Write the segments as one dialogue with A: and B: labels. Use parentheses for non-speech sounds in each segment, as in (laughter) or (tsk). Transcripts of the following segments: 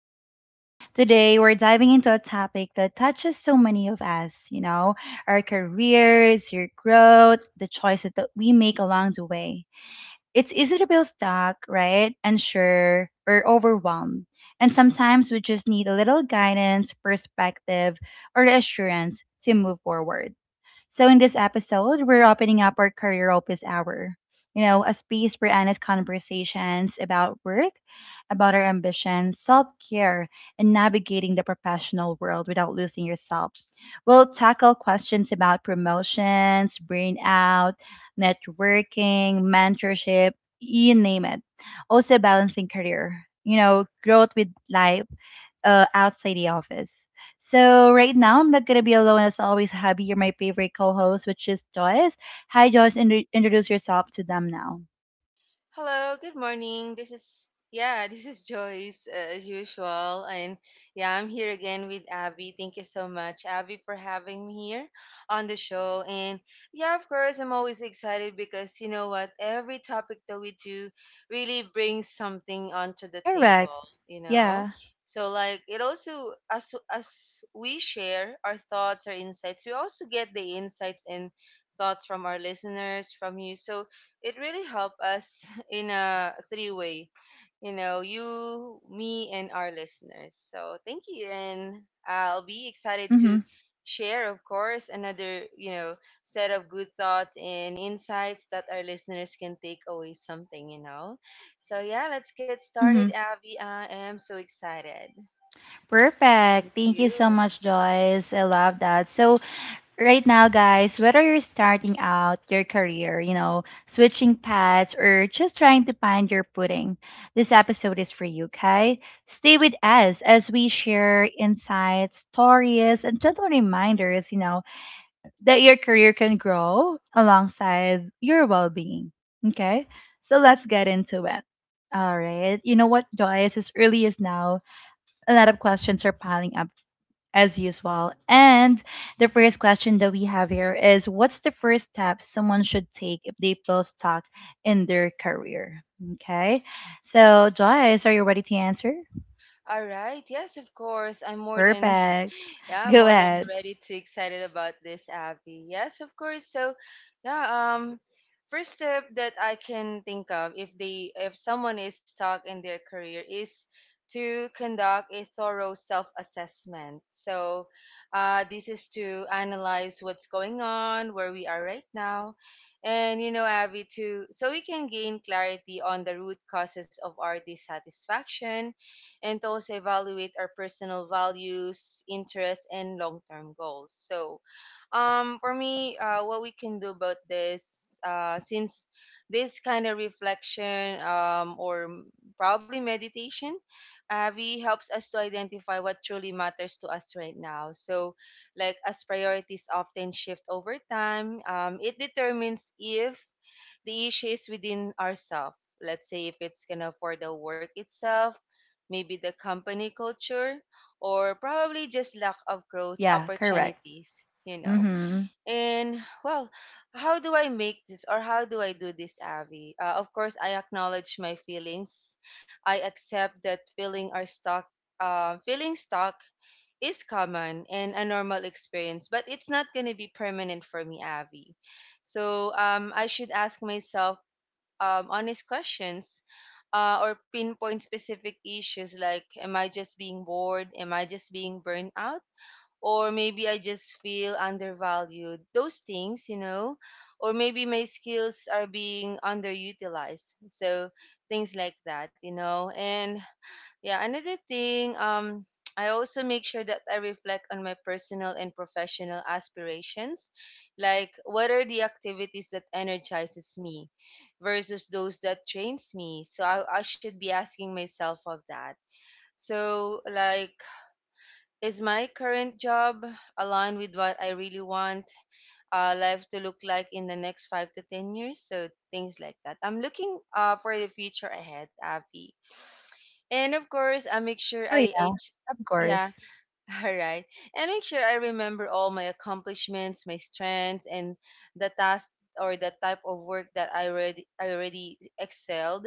A: Today we're diving into a topic that touches so many of us, our careers, your growth, the choices that we make along the way. It's easy to feel stuck, right? Unsure or overwhelmed. And sometimes we just need a little guidance, perspective, or assurance to move forward. So, in this episode, we're opening up our career office hour, a space for honest conversations about work, about our ambitions, self care, and navigating the professional world without losing yourself. We'll tackle questions about promotions, burnout, networking, mentorship, you name it. Also, balancing career, growth with life outside the office. So right now I'm not gonna be alone as always. Happy, you're my favorite co-host, which is Joyce. Hi, Joyce. Introduce yourself to them now.
B: Hello, good morning. This is (laughs) this is Joyce as usual, and yeah, I'm here again with Abby. Thank you so much, Abby, for having me here on the show. And yeah, of course, I'm always excited because you know what, every topic that we do really brings something onto the table,
A: Correct.
B: you know.
A: Yeah.
B: So like it also as we share our thoughts, our insights, we also get the insights and thoughts from our listeners, from you. So it really helped us (laughs) in a three way, you know, you, me, and our listeners. So thank you, and I'll be excited to
A: Mm-hmm.
B: share, of course, another set of good thoughts and insights that our listeners can take away something, you know. So yeah, let's get started,
A: Mm-hmm.
B: Abby. I am so excited. Thank
A: Perfect. Thank you so
B: you.
A: much, Joyce. I love that. So right now, guys, whether you're starting out your career, switching paths, or just trying to find your footing, this episode is for you, okay? Stay with us as we share insights, stories, and gentle reminders, that your career can grow alongside your well being, okay? So let's get into it. All right. You know what, Joyce? As early as now, a lot of questions are piling up as usual. And the first question that we have here is, what's the first step someone should take if they feel stuck in their career? Okay. So, Joyce, are you ready to answer?
B: All right. Yes, of course. I'm more than.
A: Perfect.
B: Yeah,
A: (laughs)
B: I'm
A: Go
B: more than
A: ahead.
B: ready to excited about this, Abby. Yes, of course. So, yeah, first step that I can think of if someone is stuck in their career is to conduct a thorough self-assessment. So, this is to analyze what's going on, where we are right now, and you know, Abby, to so we can gain clarity on the root causes of our dissatisfaction and to also evaluate our personal values, interests, and long term goals. So, for me, what we can do about this, since this kind of reflection or probably meditation, Avi helps us to identify what truly matters to us right now. So, like as priorities often shift over time, it determines if the issue is within ourselves. Let's say if it's gonna for the work itself, maybe the company culture, or probably just lack of growth
A: Yeah, correct.
B: opportunities, you know.
A: Mm-hmm.
B: And well, how do I make this or how do I do this, Abby? Of course, I acknowledge my feelings. I accept that feeling are feeling stuck is common and a normal experience, but it's not going to be permanent for me, Abby. So I should ask myself honest questions or pinpoint specific issues like, am I just being bored? Am I just being burned out? Or maybe I just feel undervalued. Those things, you know, or maybe my skills are being underutilized. So things like that, you know. And yeah, another thing, (tsk) I also make sure that I reflect on my personal and professional aspirations. Like, what are the activities that energizes me versus those that drains me? So I should be asking myself of that. So, like, is my current job aligned with what I really want life to look like in the next five to 10 years? So, things like that. I'm looking for the future ahead, Avi. And of course, I make sure
A: Oh, yeah, of
B: yeah,
A: course.
B: (laughs) all right. And make sure I remember all my accomplishments, my strengths, and the task or the type of work that I already excelled.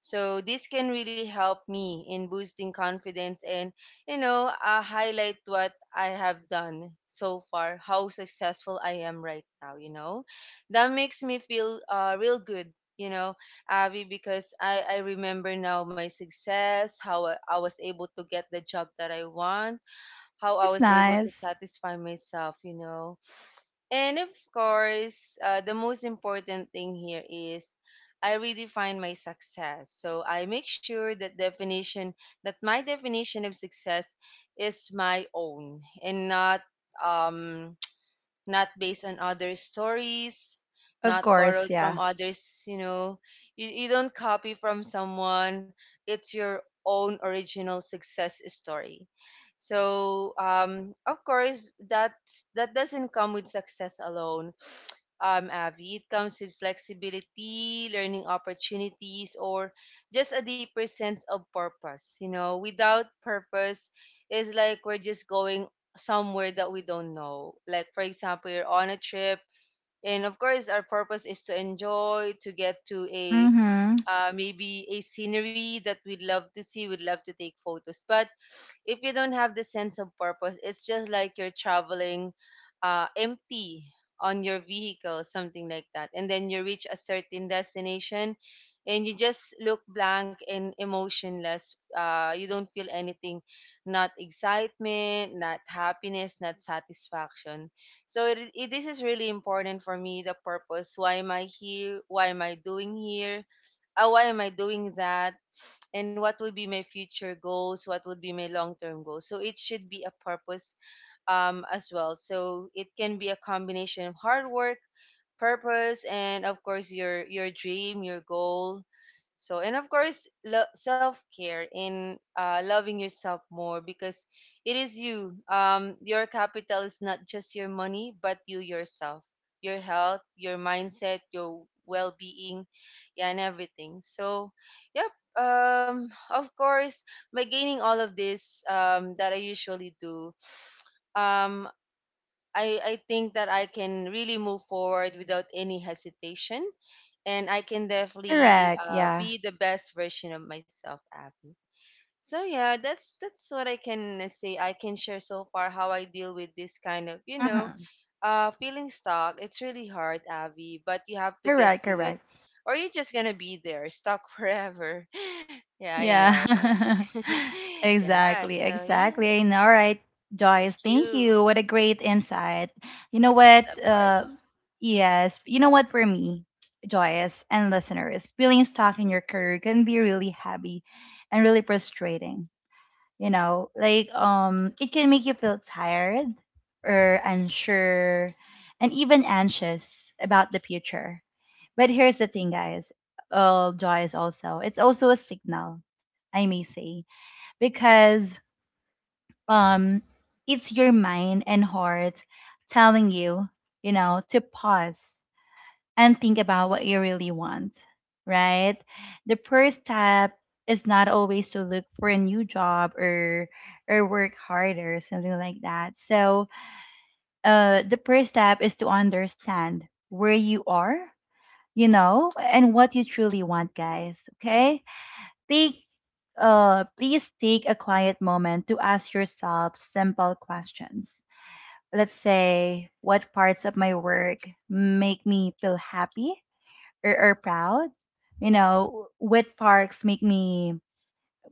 B: So this can really help me in boosting confidence and you know highlight what I have done so far, how successful I am right now. You know, that makes me feel real good. You know, Abby, because I remember now my success, how I was able to get the job that I want, how I
A: That's
B: was able to
A: nice.
B: satisfy myself, you know. And of course, the most important thing here is I redefine my success. So I make sure that my definition of success is my own and not um not based on others' stories,
A: Of
B: not
A: course,
B: borrowed from
A: yeah.
B: others, you know. You don't copy from someone, it's your own original success story. So, of course, that doesn't come with success alone. Avi, it comes with flexibility, learning opportunities, or just a deeper sense of purpose. You know, without purpose, it's like we're just going somewhere that we don't know. Like, for example, you're on a trip, and of course, our purpose is to enjoy, to get to a
A: Mm-hmm.
B: maybe a scenery that we'd love to see, we'd love to take photos. But if you don't have the sense of purpose, it's just like you're traveling empty on your vehicle, something like that. And then you reach a certain destination and you just look blank and emotionless. You don't feel anything, not excitement, not happiness, not satisfaction. So this is really important for me the purpose. Why am I here? Why am I doing here? Why am I doing that? And what would be my future goals? What would be my long term goals? So it should be a purpose as well. So it can be a combination of hard work, purpose, and of course your dream, your goal, so, and of course, self care in loving yourself more because it is you. Your capital is not just your money, but you yourself, your health, your mindset, your well being, yeah, and everything. So, yep. Of course, by gaining all of this that I usually do, um, I think that I can really move forward without any hesitation. And I can definitely
A: Correct, yeah.
B: be the best version of myself, Abby. So yeah, that's what I can say. I can share so far how I deal with this kind of, you know,
A: Mm-hmm.
B: feeling stuck. It's really hard, Abby, but you have to get
A: Correct,
B: through it,
A: correct.
B: or you're just gonna be there, stuck forever. (laughs) Yeah, I know, like,
A: Yeah. (laughs)
B: (laughs) yeah.
A: Exactly,
B: So yeah,
A: exactly. And all right,
B: thank
A: Joyce, thank
B: you.
A: you. What a great insight. You know
B: Yes,
A: what?
B: of
A: Uh,
B: course.
A: yes, you know what, for me, Joyce and listeners, feeling stuck in your career can be really heavy and really frustrating. You know, like, um, it can make you feel tired or unsure and even anxious about the future, but here's the thing, guys. Joy is also, it's also a signal, I may say, because, um, it's your mind and heart telling you, you know, to pause and think about what you really want, right? The first step is not always to look for a new job, or work harder, something like that. So, the first step is to understand where you are, you know, and what you truly want, guys. Okay? Take please take a quiet moment to ask yourself simple questions. Let's say, what parts of my work make me feel happy or, proud? You know, what parts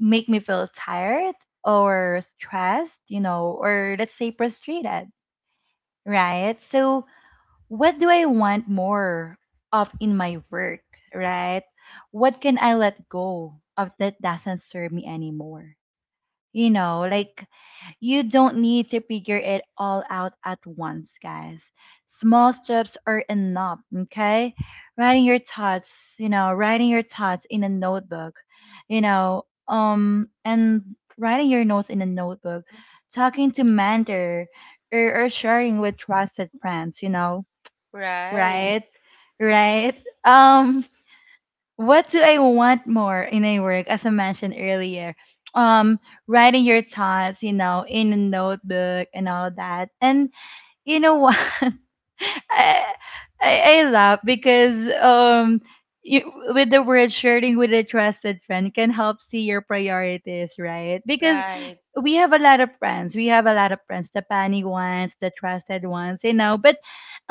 A: make me feel tired or stressed, you know, or let's say frustrated, right? So what do I want more of in my work, right? What can I let go of that doesn't serve me anymore? You know, like, you don't need to figure it all out at once, guys. Small steps are enough, okay? Writing your thoughts, you know, writing your thoughts in a notebook, you know, and writing your notes in a notebook, talking to mentor, or, sharing with trusted friends, you know.
B: Right,
A: Right? Right? Um, what do I want more in a work, as I mentioned earlier? Um, writing your thoughts, you know, in a notebook and all that. And you know what? (laughs) I, I laugh because, um, you, with the word sharing with a trusted friend can help see your priorities, right? Because
B: right.
A: we have a lot of friends. We have a lot of friends, the funny ones, the trusted ones, you know. But,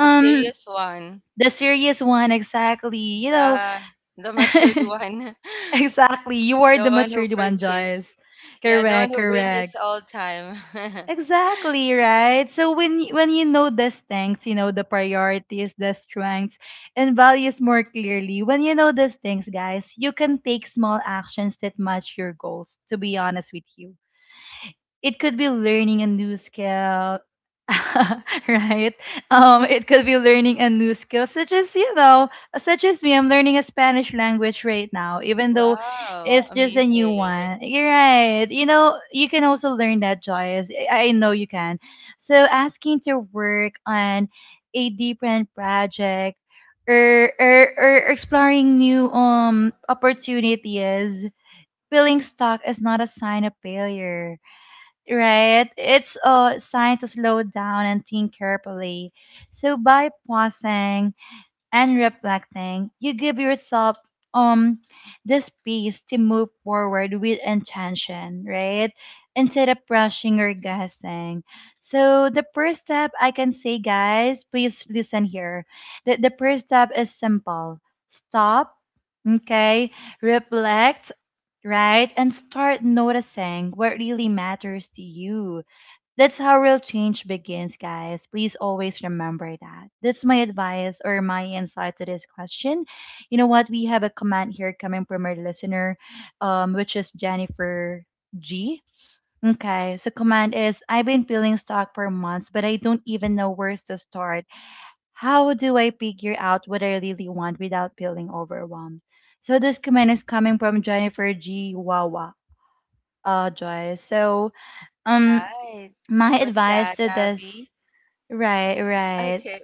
B: The serious one,
A: the serious one, exactly. You know,
B: the the matured one,
A: (laughs) exactly. You
B: (laughs)
A: are
B: the
A: the
B: one who
A: matured one,
B: preaches.
A: Joyce.
B: Yeah, the one who
A: Correct,
B: preaches
A: correct.
B: all time. (laughs)
A: Exactly, right? So when when you know these things, you know the priorities, the strengths, and values more clearly. When you know these things, guys, you can take small actions that match your goals, to be honest with you. It could be learning a new skill, (laughs) right, um, it could be learning a new skill such as, you know, such as me, I'm learning a Spanish language right now, even though
B: Wow,
A: it's just a new
B: amazing.
A: one, you're right, you know, you can also learn that, Joyous, I know you can. So asking to work on a different project, or exploring new, um, opportunities. Feeling stuck is not a sign of failure, right? It's a sign to slow down and think carefully. So by pausing and reflecting, you give yourself, um, the space to move forward with intention, right? Instead of rushing or guessing. So the first step, I can say, guys, please listen here. The first step is simple. Stop, okay, reflect, right? And start noticing what really matters to you. That's how real change begins, guys. Please always remember that. That's my advice, or my insight to this question. You know what? We have a comment here coming from our listener, which is Jennifer G. Okay, so comment is, I've been feeling stuck for months, but I don't even know where to start. How do I figure out what I really want without feeling overwhelmed? So this comment is coming from Jennifer G. Wawa. Joyce. So, um,
B: Right.
A: my
B: What's
A: advice
B: that,
A: to this —
B: Abby?
A: right, right.
B: Okay.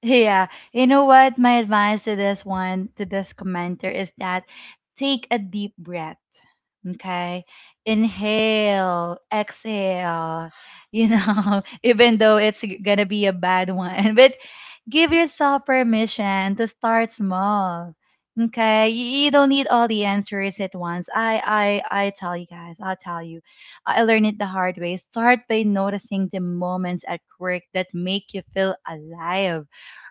A: Yeah, you know what? My advice to this one, to this commenter, is that, take a deep breath. Okay, inhale, exhale. You know, (laughs) even though it's gonna be a bad one, (laughs) but give yourself permission to start small. Okay, you don't need all the answers at once. I tell you guys, I'll tell you. I learned it the hard way. Start by noticing the moments at work that make you feel alive,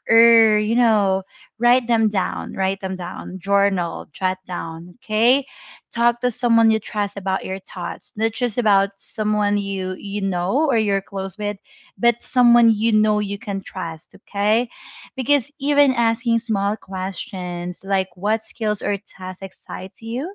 A: or you know, write them down, journal, jot down, okay. Talk to someone you trust about your thoughts, not just about someone you know, or you're close with, but someone you know you can trust, okay. Because even asking small questions like, what skills or tasks excite you,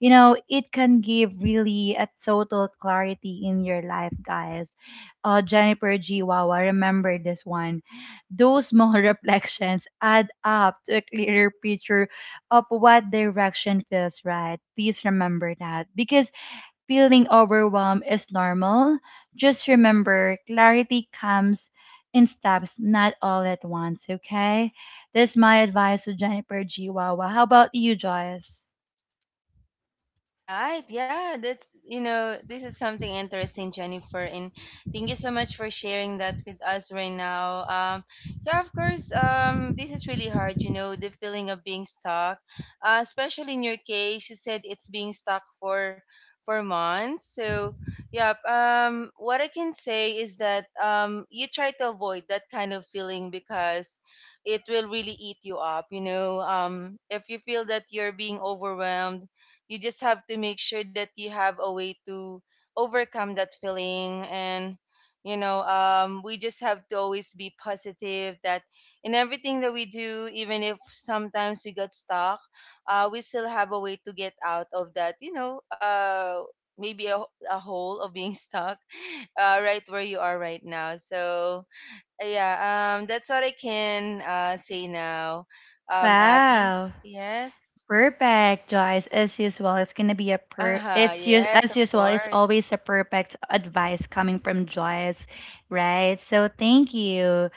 A: you know, it can give really a total clarity in your life, guys. Uh, Jennifer Giwawa, remember this one, those small (laughs) reflections add up to a clearer picture of what direction feels right. Please remember that, because feeling overwhelmed is normal. Just remember, clarity comes in steps, not all at once, okay. That's my advice to Jennifer Giwawa. How about you, Joyce?
B: Right. Yeah, that's you know, this is something interesting, Jennifer, and thank you so much for sharing that with us right now. Yeah, of course, this is really hard, you know, the feeling of being stuck. Especially in your case, you said it's being stuck for months. So, yeah, what I can say is that you try to avoid that kind of feeling because it will really eat you up, you know. If you feel that you're being overwhelmed, you just have to make sure that you have a way to overcome that feeling, and you know, we just have to always be positive that in everything that we do, even if sometimes we got stuck, we still have a way to get out of that, you know, maybe a hole of being (laughs) stuck right where you are right now. So yeah, that's what I can say now, Abby.
A: Wow.
B: Yes.
A: Perfect, Joyce. As usual, it's gonna be a per.
B: Uh-huh,
A: It's us
B: yes, of
A: as usual. It's
B: course.
A: always a perfect advice coming from Joyce, right? So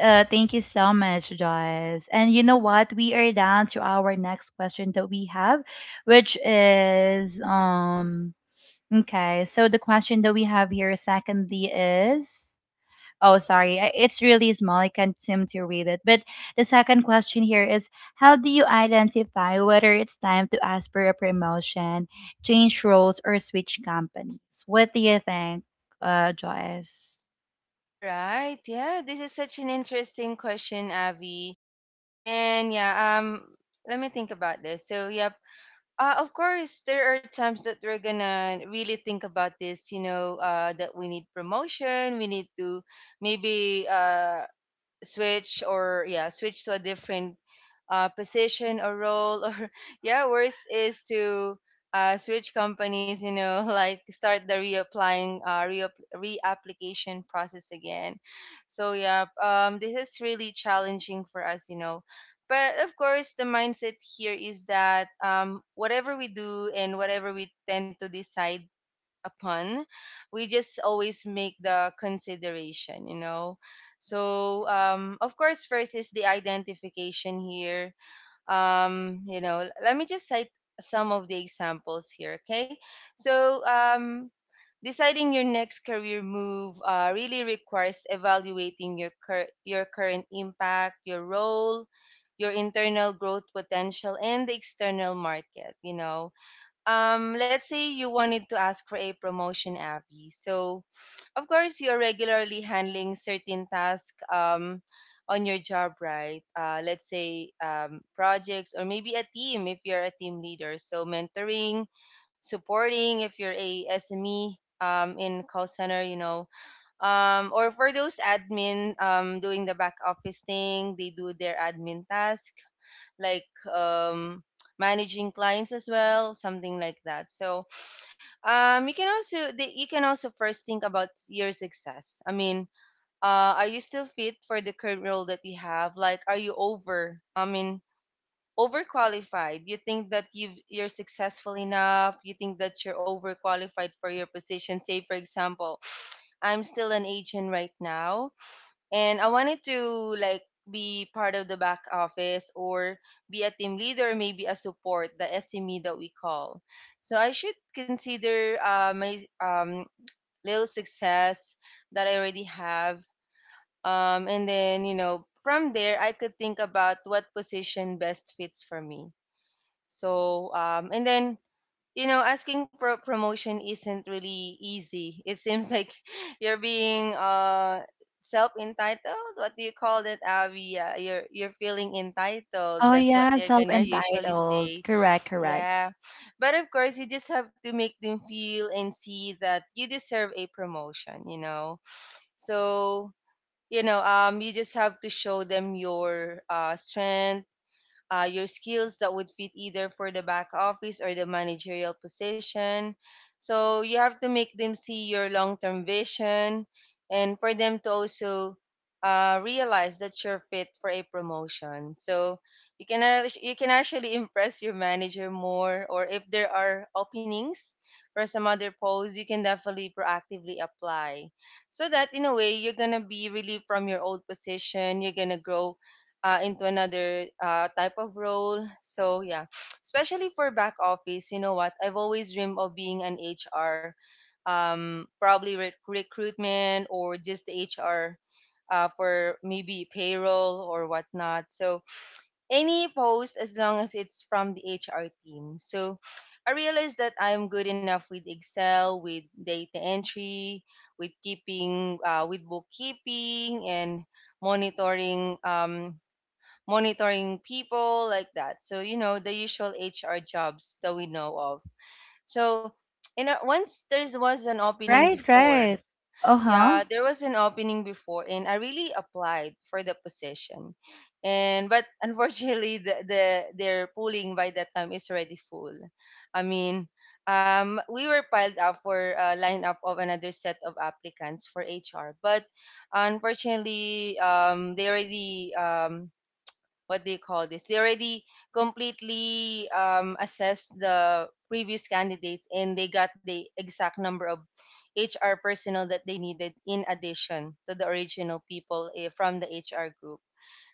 A: thank you so much, Joyce. And you know what? We are down to our next question that we have, which is. Okay, so the question that we have here secondly is — oh, sorry. It's really small. I can't seem to read it. But the second question here is, how do you identify whether it's time to ask for a promotion, change roles, or switch companies? What do you think, Joyce?
B: All right. Yeah, this is such an interesting question, Avi. And yeah, um, let me think about this. So, yep. Of course, there are times that we're gonna really think about this, you know, that we need promotion, we need to maybe switch or yeah switch to a different position or role or (laughs) yeah worse is to switch companies, you know, (laughs) like start the reapplying reapplication process again. So yeah, this is really challenging for us, you know, but of course the mindset here is that whatever we do and whatever we tend to decide upon, we just always make the consideration, you know. So um, of course first is the identification here. Um, you know, let me just cite some of the examples here. Okay, so um, deciding your next career move really requires evaluating your your current impact, your role, your internal growth potential, and the external market, you know. Um, let's say you wanted to ask for a promotion, Abby. So, of course, you are regularly handling certain tasks on your job, right? Let's say projects or maybe a team if you're a team leader. So, mentoring, supporting if you're a SME in call center, you know. Or for those admin doing the back office thing, they do their admin task like um, managing clients as well, something like that. So you can also you can also first think about your success. I mean, are you still fit for the current role that you have? Like, are you over? I mean, overqualified. You think that you're successful enough. You think that you're overqualified for your position. Say, for example. I'm still an agent right now and I wanted to like be part of the back office or be a team leader, maybe a support, the SME that we call. So I should consider my little success that I already have, and then you know from there I could think about what position best fits for me. So and then you know, asking for promotion isn't really easy. It seems like (laughs) you're being self entitled. What do you call that, Avi? Yeah, you're feeling entitled.
A: Oh,
B: That's what
A: yeah,
B: they're
A: self
B: gonna usually
A: entitled.
B: say.
A: Correct, correct.
B: Yeah, but of course, you just have to make them feel and see that you deserve a promotion. So you just have to show them your strength, your skills that would fit either for the back office or the managerial position. So you have to make them see your long term vision and for them to also realize that you're fit for a promotion. So you can you can actually (laughs) impress your manager more, or if there are openings for some other posts you can definitely proactively apply, so that in a way you're gonna be relieved from your old position. You're gonna grow into another type of role. So yeah, (sniffs) especially for back office, you know what? I've always dreamed of being an HR, probably recruitment or just HR for maybe payroll or whatnot. So any post as long as it's from the HR team. So I realized that I'm good enough with Excel, with data entry, with keeping, with bookkeeping and monitoring. Monitoring people like that. So, you know, the usual HR jobs that we know of. So, once there was an opening
A: Right,
B: before,
A: right. Uh huh.
B: yeah, there was an opening before, and I really applied for the position. And but (laughs) unfortunately, the their pooling by that time is already full. I mean, we were piled up for a lineup of another set of applicants for HR, but unfortunately, they already what do you call this? They already completely assessed the previous candidates and they got the exact number of HR personnel that they needed in addition to the original people eh, from the HR group.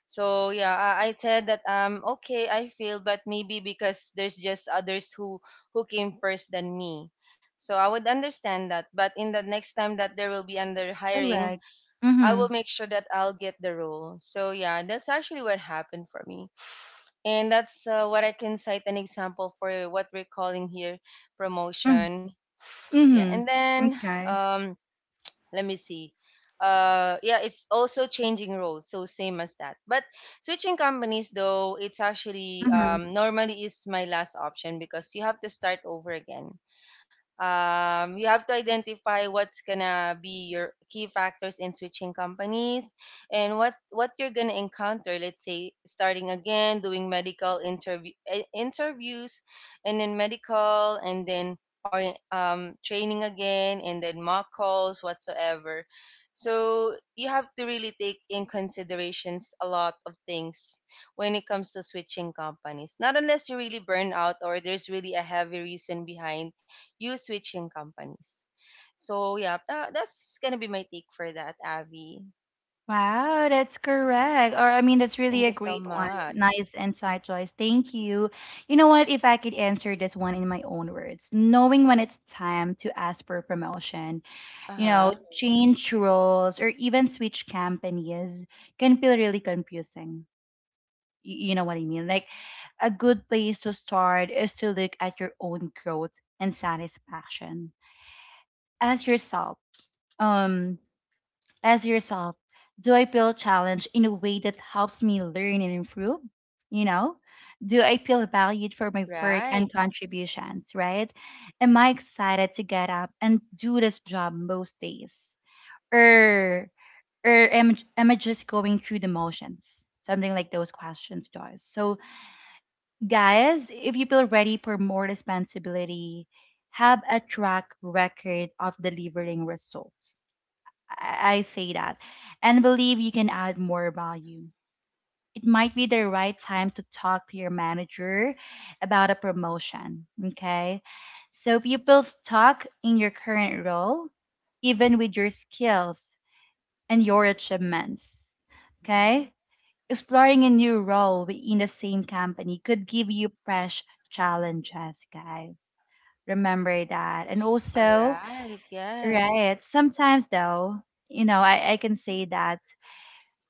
B: So yeah, I said that okay, I failed, but maybe because there's just others who came first than me. So I would understand that, but in the next time that there will be under hiring,
A: Correct.
B: I will
A: Mm
B: make sure that I'll get the role. So yeah, that's actually what happened for me. And that's what I can cite an example for what we're calling here
A: hmm.
B: promotion.
A: Mm
B: Yeah, and
A: hmm.
B: then
A: Okay.
B: um, let me see. Yeah, it's also changing roles, so same as that. But switching companies, though, it's actually normally is my last option because you have to start over again. You have to identify what's gonna be your key factors in switching companies and what you're gonna encounter. Let's say starting again, doing medical interview eh, interviews, and then medical, and then or training again and then mock calls whatsoever. So you have to really take in considerations a lot of things when it comes to switching companies, not unless you really burn out or there's really a heavy reason behind you switching companies. So yeah, that's gonna be my take for that, Avi.
A: Wow, that's correct. Or, I mean, that's really
B: Thank
A: a
B: you so
A: great one.
B: much.
A: Nice insight, Joyce. Thank you. You know what? If I could answer this one in my own words, knowing when it's time to ask for promotion,
B: Uh
A: you know,
B: huh.
A: change roles or even switch companies can feel really confusing. You know what I mean? Like, a good place to start is to look at your own growth and satisfaction. Ask yourself. Um, as yourself, do I feel challenged in a way that helps me learn and improve? You know, do I feel valued for my work
B: Right.
A: and contributions, right? Am I excited to get up and do this job most days? Or am I just going through the motions? Something like those questions does. So guys, if you feel ready for more responsibility, have a track record of delivering results, I say that, and believe you can add more value. It might be the right time to talk to your manager about a promotion. Okay. So people stuck in your current role, even with your skills and your achievements. Okay. Exploring a new role within the same company could give you fresh challenges, guys. Remember that. And
B: All
A: also,
B: right. Yes.
A: right, sometimes though, you know, I can say that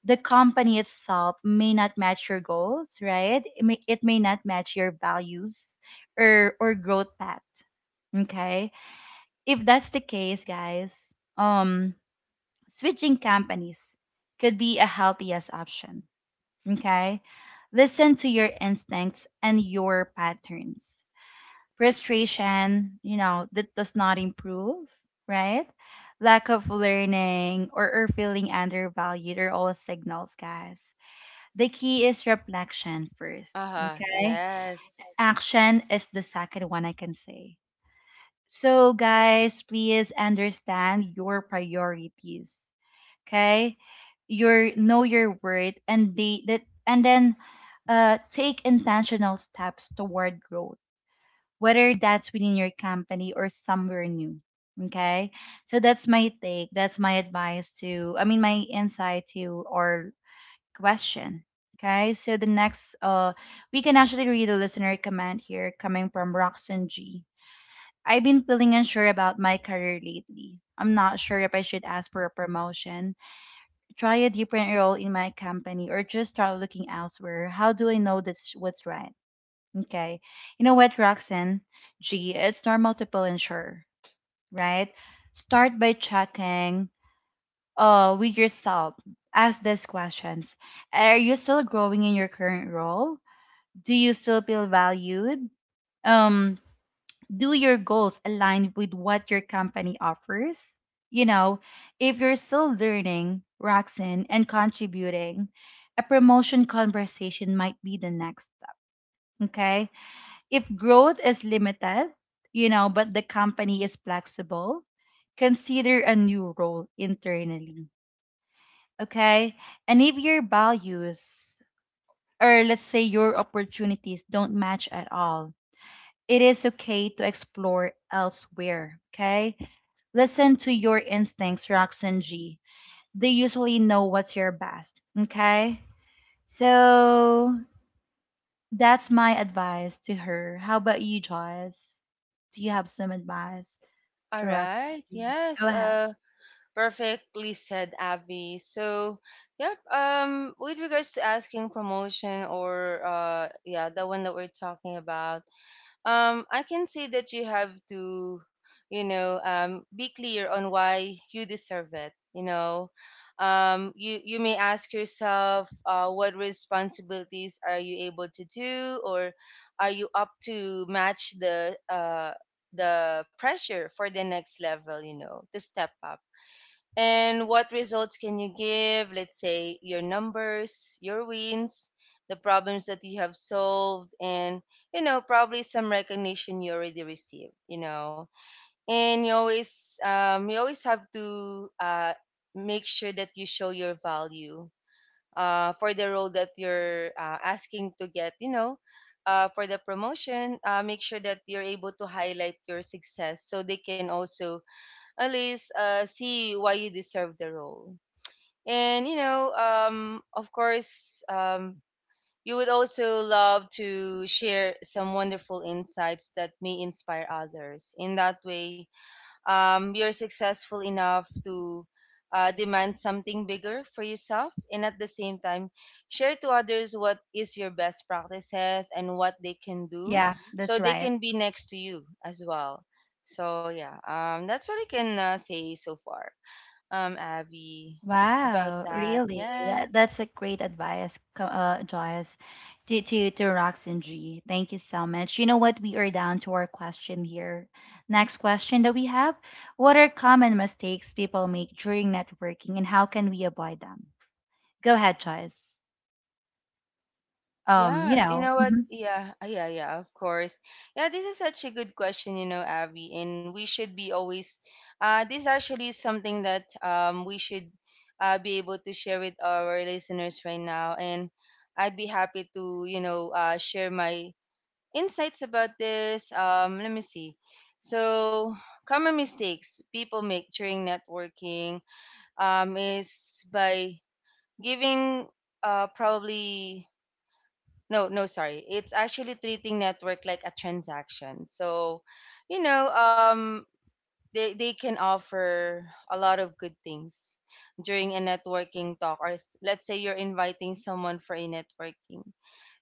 A: the company itself may not match your goals, right? It may not match your values or growth path. Okay. If that's the case, guys, um, switching companies could be a healthiest option. Okay. Listen to your instincts and your patterns. Frustration, you know, that does not improve, right? Lack of learning, or, feeling undervalued are all signals, guys. The key is reflection first.
B: Uh huh.
A: Okay.
B: Yes.
A: Action is the second one, I can say. So, guys, please understand your priorities. Okay. Your Know your worth and the that and then take intentional steps toward growth, whether that's within your company or somewhere new. Okay. So that's my take. That's my advice to, I mean, my insight to our question. Okay, so the next, we can actually read a listener comment here coming from Roxanne G. I've been feeling unsure about my career lately. I'm not sure if I should ask for a promotion, try a different role in my company, or just start looking elsewhere. How do I know that's what's right? Okay, you know what, Roxanne G, it's normal to feel unsure, right? Start by checking with yourself, ask these questions. Are you still growing in your current role? Do you still feel valued? Um, do your goals align with what your company offers? You know, if you're still learning, Roxanne, and contributing, a promotion conversation might be the next step. Okay. If growth is limited, you know, but the company is flexible, consider a new role internally. Okay. And if your values or let's say your opportunities don't match at all, it is okay to explore elsewhere. Okay. Listen to your instincts, Roxanne G. They usually know what's your best. Okay. So that's my advice to her. How about you, Joyce? Do you have some advice
B: All
A: to
B: right.
A: Roxanne G?
B: Yes.
A: Go ahead.
B: Perfectly said, Avi. So, yep. With regards to asking promotion or yeah, the one that we're talking about, I can say that you have to, you know, be clear on why you deserve it. You know, you may ask yourself, what responsibilities are you able to do, or are you up to match the pressure for the next level? You know, to step up. And what results can you give? Let's say your numbers, your wins, the problems that you have solved, and you know probably some recognition you already received. You know, and you always have to make sure that you show your value for the role that you're asking to get. You know, for the promotion, make sure that you're able to highlight your success so they can also at least see why you deserve the role. And you know, of course, you would also love to share some wonderful insights that may inspire others. In that way, you're successful enough to demand something bigger for yourself, and at the same time share to others what is your best practices and what they can do
A: Yeah,
B: so
A: that's
B: they
A: right.
B: can be next to you as well. So yeah, that's what I can say so far, abby, about
A: Wow,
B: that.
A: really? That
B: Yes.
A: that's a great advice, Joyce, to Rox and G. Thank you so much. You know what? We are down to our question here. Next question that we have: what are common mistakes people make during networking, and how can we avoid them? Go ahead, Joyce.
B: Right, yeah. You know what?
A: Mhm.
B: Yeah, ah, yeah, yeah, of course. Yeah, this is such a good question, you know, Abby, and we should be always this actually is something that we should be able to share with our listeners right now, and I'd be happy to, you know, share my insights about this. Let me see. So, common mistakes people make during networking is by giving probably no, no, sorry. It's actually treating network like a transaction. So, you know, they can offer a lot of good things during a networking talk, or let's say you're inviting someone for a networking.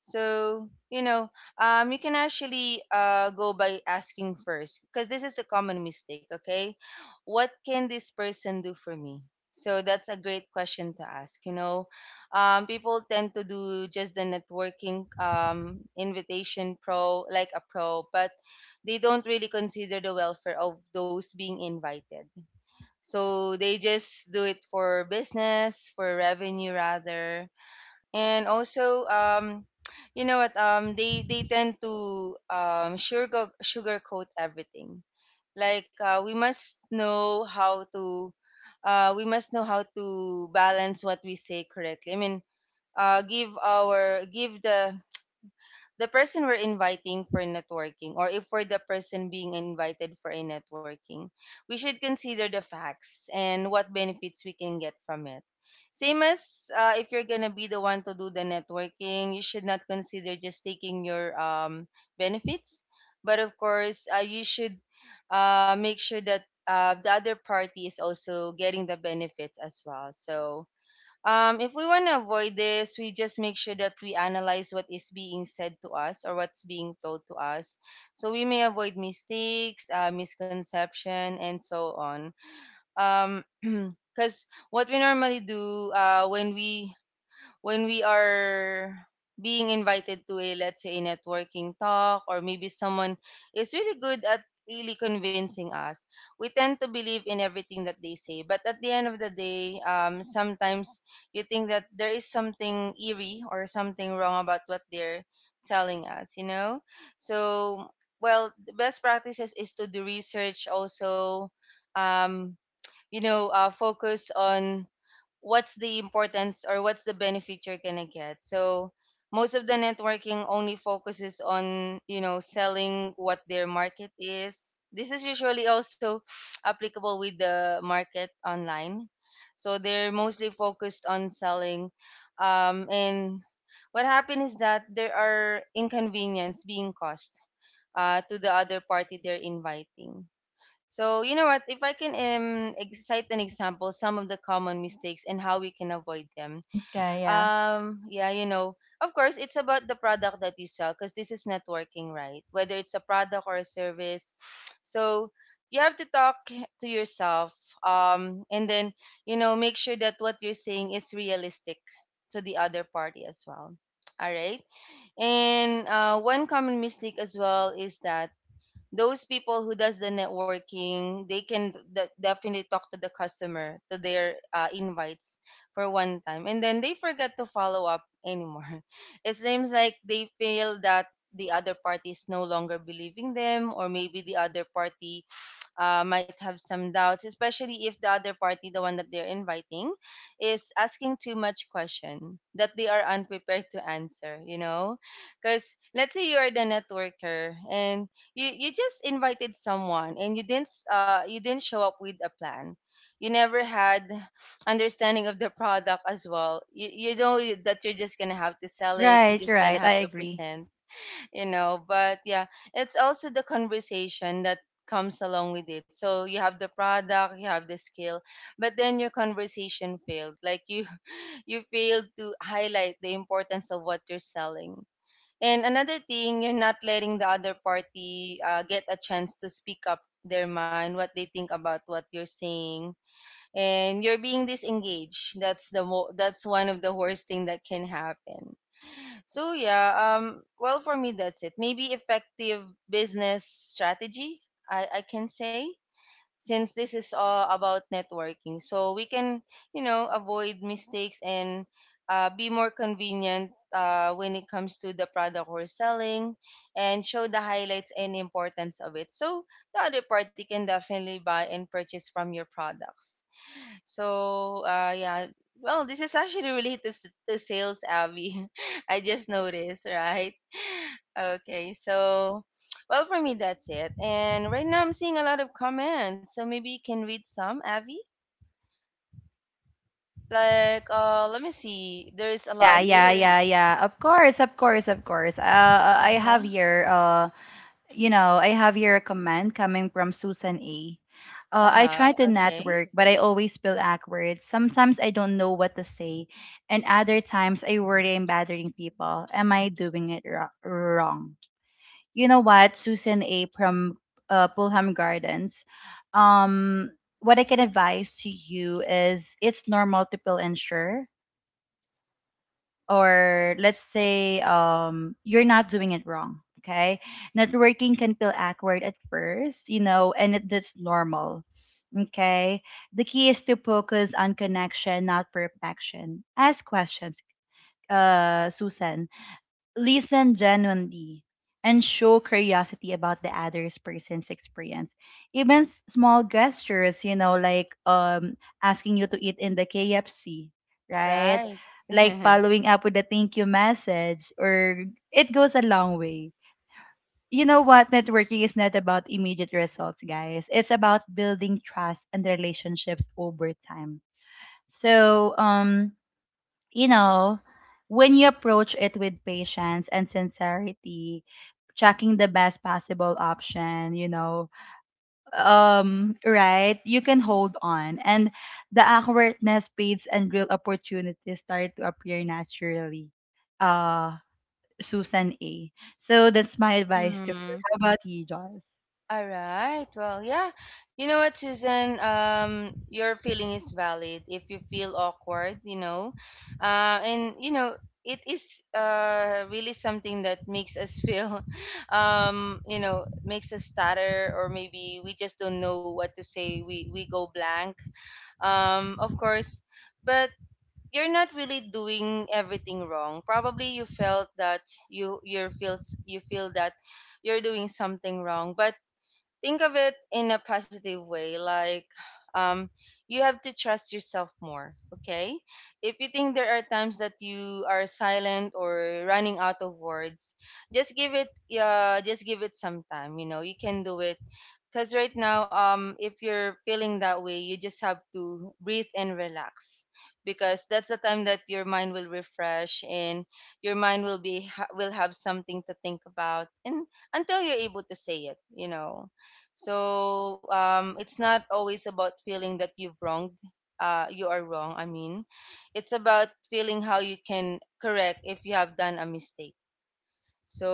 B: So you know, you can actually go by asking first, because this is the common mistake. Okay, what can this person do for me? So that's a great question to ask, you know. People tend to do just the networking invitation pro like a pro, but they don't really consider the welfare of those being invited. So they just do it for business, for revenue rather. And also, you know what, they tend to sugarcoat everything. Like we must know how to balance what we say correctly. I mean, give the person we're inviting for networking, or if we're the person being invited for a networking, we should consider the facts and what benefits we can get from it. Same as if you're gonna be the one to do the networking, you should not consider just taking your benefits, but of course, you should make sure that the other party is also getting the benefits as well. So if we want to avoid this, we just make sure that we analyze what is being said to us or what's being told to us. So we may avoid mistakes, misconception, and so on. Um, (clears throat) because what we normally do when we are being invited to a, let's say, a networking talk, or maybe someone is really good at really convincing us, we tend to believe in everything that they say, but at the end of the day sometimes you think that there is something eerie or something wrong about what they're telling us, you know. So, well, the best practices is to do research also. um, you know, focus on what's the importance or what's the benefit you're gonna get. So most of the networking only focuses on you know selling what their market is. This is usually also (sniffs) applicable with the market online. So they're mostly focused on selling. And what happened is that there are inconvenience being caused to the other party they're inviting. So, you know what? If I can cite an example, some of the common mistakes and how we can avoid them.
A: Okay, yeah.
B: Yeah, you know, of course, it's about the product that you sell because this is networking, right? Whether it's a product or a service. (sniffs) So, you have to talk to yourself and then, you know, make sure that what you're saying is realistic to the other party as well. (tsk) All right. And one common mistake as well is that those people who does the networking, they can definitely talk to the customer, to their invites for one time, and then they forget to follow up anymore. (laughs) It seems like they feel that the other party is no longer believing them, or maybe the other party might have some doubts, especially if the other party, the one that they're inviting, is asking too much question that they are unprepared to answer. You know, because let's say you are the networker and you just invited someone and you didn't you didn't show up with a plan. You never had understanding of the product as well. You know that you're just gonna have to sell it. You're
A: Right, you're
B: just gonna
A: right.
B: have
A: I
B: to
A: agree.
B: present you know but yeah, it's also the conversation that comes along with it. So you have the product, you have the skill, but then your conversation failed, like you (laughs) you failed to highlight the importance of what you're selling. And another thing, you're not letting the other party get a chance to speak up their mind, what they think about what you're saying. And you're being disengaged. That's one of the worst thing that can happen. So yeah, well, for me that's it. Maybe effective business strategy, I can say, since this is all about networking. So we can, avoid mistakes and be more convenient when it comes to the product we're selling, and show the highlights and importance of it. So the other party can definitely buy and purchase from your products. So, yeah. Well, this is actually related to sales, Abby. (laughs) I just noticed, right? (laughs) Okay, so, well, for me, that's it. And right now, I'm seeing a lot of comments. So maybe you can read some, Abby. Like, let me see. There's a
A: Yeah,
B: lot
A: really? Yeah,
B: here.
A: yeah, yeah. Of course, of course, of course. I
B: Uh
A: have
B: huh.
A: here. You know, I have here a comment coming from Susan A.
B: Uh
A: I
B: huh.
A: try to
B: Okay.
A: network, but I always feel awkward. Sometimes I don't know what to say, and other times I worry I'm bothering people. Am I doing wrong? You know what, Susan A. from Pulham Gardens. Um, what I can advise to you is it's normal to feel unsure or let's say you're not doing it wrong. Okay. Networking can feel awkward at first, you know, and it, that's normal. Okay. The key is to focus on connection, not perfection. Ask questions, Susan, listen genuinely and show curiosity about the other person's experience. Even small gestures, you know, like asking you to eat in the KFC, right,
B: Right.
A: like
B: (laughs)
A: following up with a thank you message or it goes a long way. You know what, networking is not about immediate results, guys, it's about building trust and relationships over time. So um, you know, when you approach it with patience and sincerity, checking the best possible option, you know, um, right, you can hold on and the awkwardness speeds and real opportunities start to appear naturally. uh Susan A, so that's my advice to her.
B: Mm-hmm.
A: How about you, Joss?
B: All right. Well, yeah. You know what, Susan? Your feeling is valid. If you feel awkward, you know, and you know, it is really something that makes us feel, (laughs) you know, makes us stutter, or maybe we just don't know what to say. We go blank. Of course, but you're not really doing everything wrong. Probably you felt that you feel that you're doing something wrong, but think of it in a positive way, like um you have to trust yourself more, okay? If you think there are times that you are silent or running out of words, just give it, just give it some time, you know, you can do it. Because right now, if you're feeling that way, you just have to breathe and relax, because that's the time that your mind will refresh and your mind will have something to think about, and until you're able to say it, you know. So it's not always about feeling that you've wronged, you are wrong. I mean, it's about feeling how you can correct if you have done a mistake. So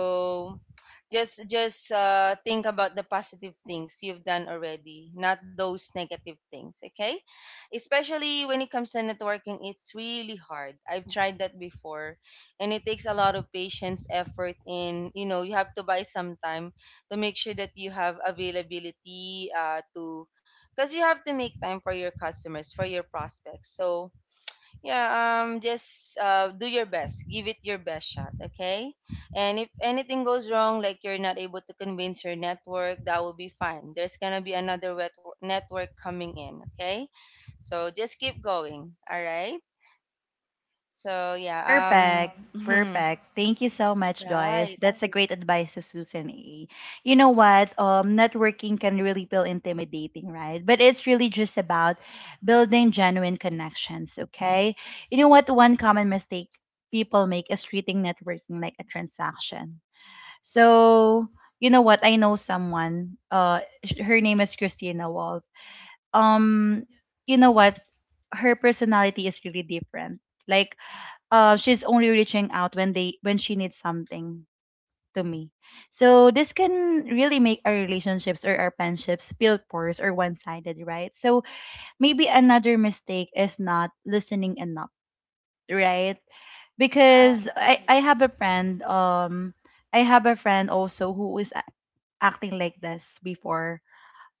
B: just think about the positive things you've done already, not those negative things, okay? Especially when it comes to networking, it's really hard. I've tried that before, and it takes a lot of patience, effort, and you know, you have to buy some time to make sure that you have availability to, because you have to make time for your customers, for your prospects. So yeah, just do your best. Give it your best shot, okay? And if anything goes wrong, like you're not able to convince your network, that will be fine. There's gonna be another network coming in, okay? So just keep going, all right? So yeah,
A: Perfect.
B: (laughs)
A: Perfect. Thank you so much, Joyce.
B: right,
A: That's a great advice to Susan A. You know what? Networking can really feel intimidating, right? But it's really just about building genuine connections, okay? You know what? One common mistake people make is treating networking like a transaction. So, you know what? I know someone. Her name is Christina Wolf. Um, you know what? Her personality is really different. Like, she's only reaching out when they when she needs something to me. So this can really make our relationships or our friendships feel coarse or one-sided, right? So maybe another mistake is not listening enough, right? Because
B: right,
A: I have a friend, um, I have a friend also who is acting like this before.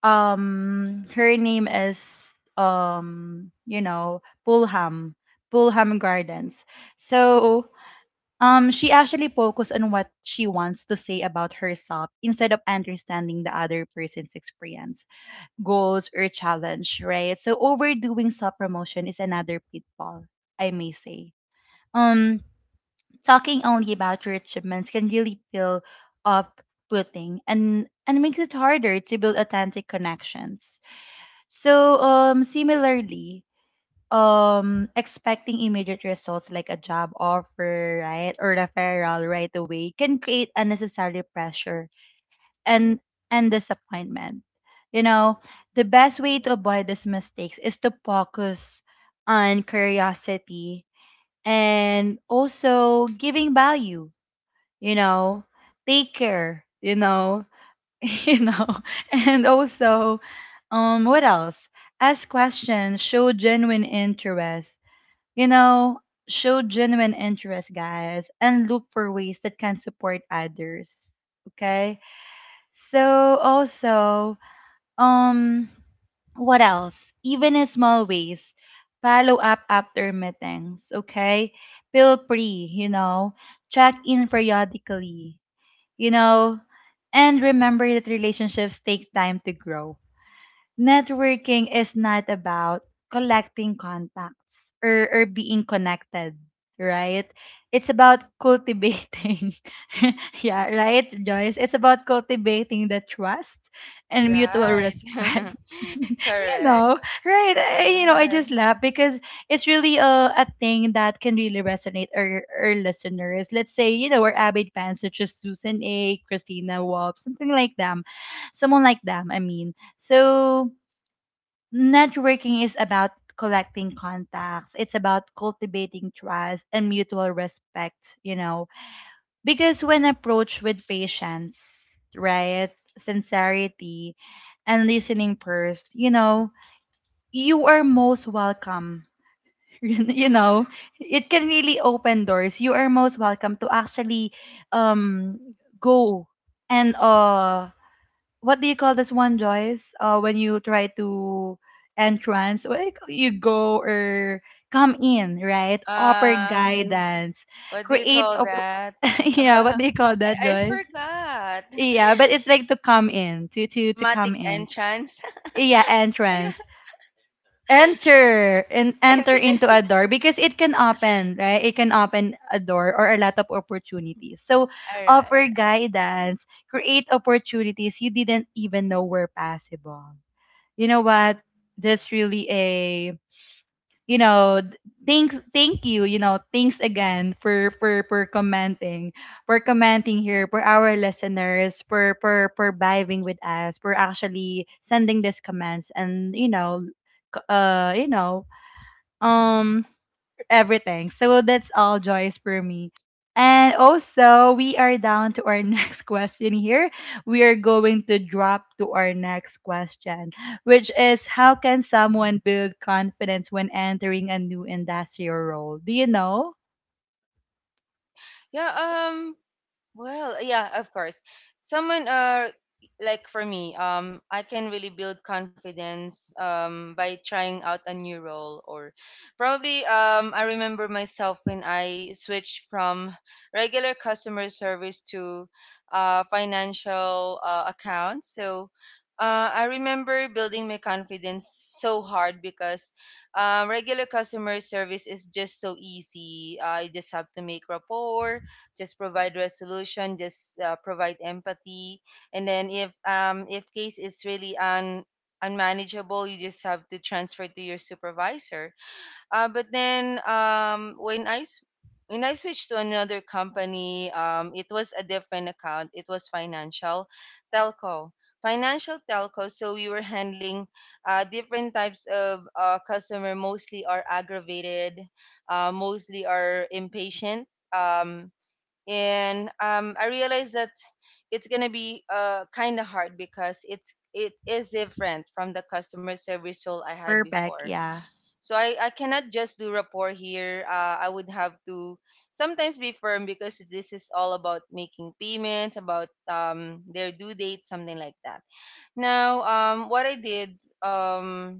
A: Um, her name is um, you know, Pulham Pulham Gardens. So she actually focused on what she wants to say about herself instead of understanding the other person's experience, goals, or challenge, right? So overdoing self-promotion is another pitfall, I may say. Um, talking only about your achievements can really feel off-putting and makes it harder to build authentic connections. So, similarly, um, expecting immediate results like a job offer, right, or referral right away can create unnecessary pressure and and disappointment, you know. The best way to avoid these mistakes is to focus on curiosity and also giving value, you know. Take care, you know. (laughs) You know, and also um, what else? Ask questions, show genuine interest, you know, show genuine interest, guys, and look for ways that can support others. Okay? So also, um, what else? Even in small ways, follow up after meetings, okay? Feel free, you know, check in periodically, you know, and remember that relationships take time to grow. Networking is not about collecting contacts, or being connected, right? It's about cultivating, (laughs) yeah, right, Joyce? It's about cultivating the trust and mutual
B: right,
A: respect.
B: (laughs)
A: (laughs) You
B: correct.
A: know, right? You know, I just
B: Yes.
A: laugh because it's really a thing that can really resonate our listeners. Let's say, you know, we're avid fans such as Susan A., Christina Wolf, something like them, someone like them, I mean. So, networking is about collecting contacts, it's about cultivating trust and mutual respect, you know, because when approached with patience, right, sincerity, and listening first, you know, you are most welcome. (laughs) You know, it can really open doors. You are most welcome to actually um, go and what do you call this one, Joyce? When you try to entrance, like you go or come in, right? Offer
B: Uh,
A: guidance,
B: what do you
A: create
B: call that?
A: (laughs)
B: (laughs)
A: yeah. What
B: I,
A: do you call that,
B: I
A: Joyce?
B: forgot. (laughs)
A: Yeah, but it's like to come in, to come
B: Dramatic
A: in.
B: entrance.
A: Yeah, entrance.
B: (laughs)
A: Enter and
B: Yeah.
A: enter into a door because it can open, right? It can open a door or a lot of opportunities. So offer
B: Alright.
A: guidance, create opportunities you didn't even know were possible. You know what, that's really a, you know, thanks, thank you, you know, thanks again for commenting, for commenting here for our listeners, for vibing with us, for actually sending these comments, and you know, you know, um, everything. So that's all, Joyce, for me. And also, we are down to our (laughs) next question here. We are going to drop to our next question, which is how can someone build confidence when entering a new industrial role? Do you know?
B: (laughs) Yeah, well, yeah, of course. Someone like for me, I can really build confidence by trying out a new role, or probably I remember myself when I switched from regular customer service to financial accounts. So I remember building my confidence so hard because regular customer service is just so easy. I just have to make rapport, just provide resolution, just provide empathy. And then if case is really un unmanageable, you just have to transfer to your supervisor. But then when when I switched to another company, it was a different account, it was financial telco, financial telco. So we were handling different types of customer, mostly are aggravated, mostly are impatient, and I realized that it's gonna be kind of hard because it is different from the customer service role I had
A: Perfect,
B: before.
A: yeah.
B: So I cannot just do rapport here. I would have to sometimes be firm because this is all about making payments, about their due date, something like that. Now, what I did, um,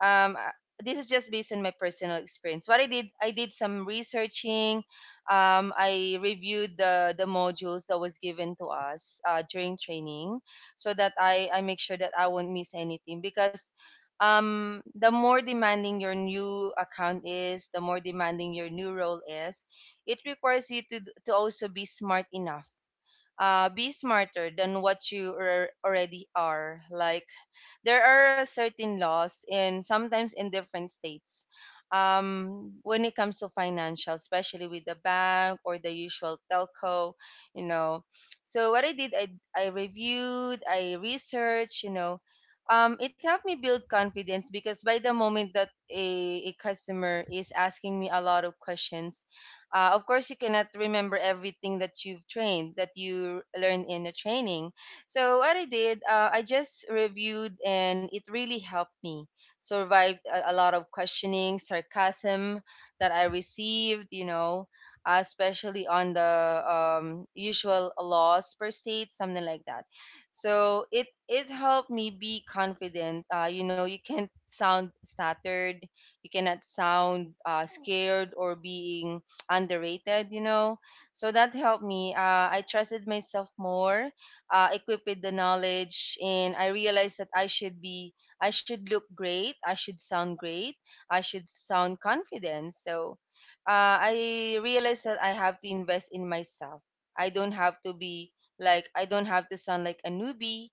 B: um, uh, this is just based on my personal experience. What I did some researching. I reviewed the modules that was given to us during training, so that I make sure that I won't miss anything because. The more demanding your new account is, the more demanding your new role is, it requires you to also be smart enough, be smarter than what you already are. Like there are certain laws in sometimes in different states when it comes to financial, especially with the bank or the usual telco, you know. So what I did, I reviewed, I researched, you know. It helped me build confidence because by the moment that a customer is asking me a lot of questions, of course, you cannot remember everything that you've trained, that you learned in the training. So what I did, I just reviewed, and it really helped me survive a lot of questioning, sarcasm that I received. You know, especially on the usual laws per state, something like that. So it helped me be confident. You know, you can't sound stuttered, you cannot sound scared or being underrated, you know. So that helped me. I trusted myself more, equipped with the knowledge, and I realized that I should be, I should look great, I should sound great, I should sound confident. So I realized that I have to invest in myself. I don't have to be like, I don't have to sound like a newbie.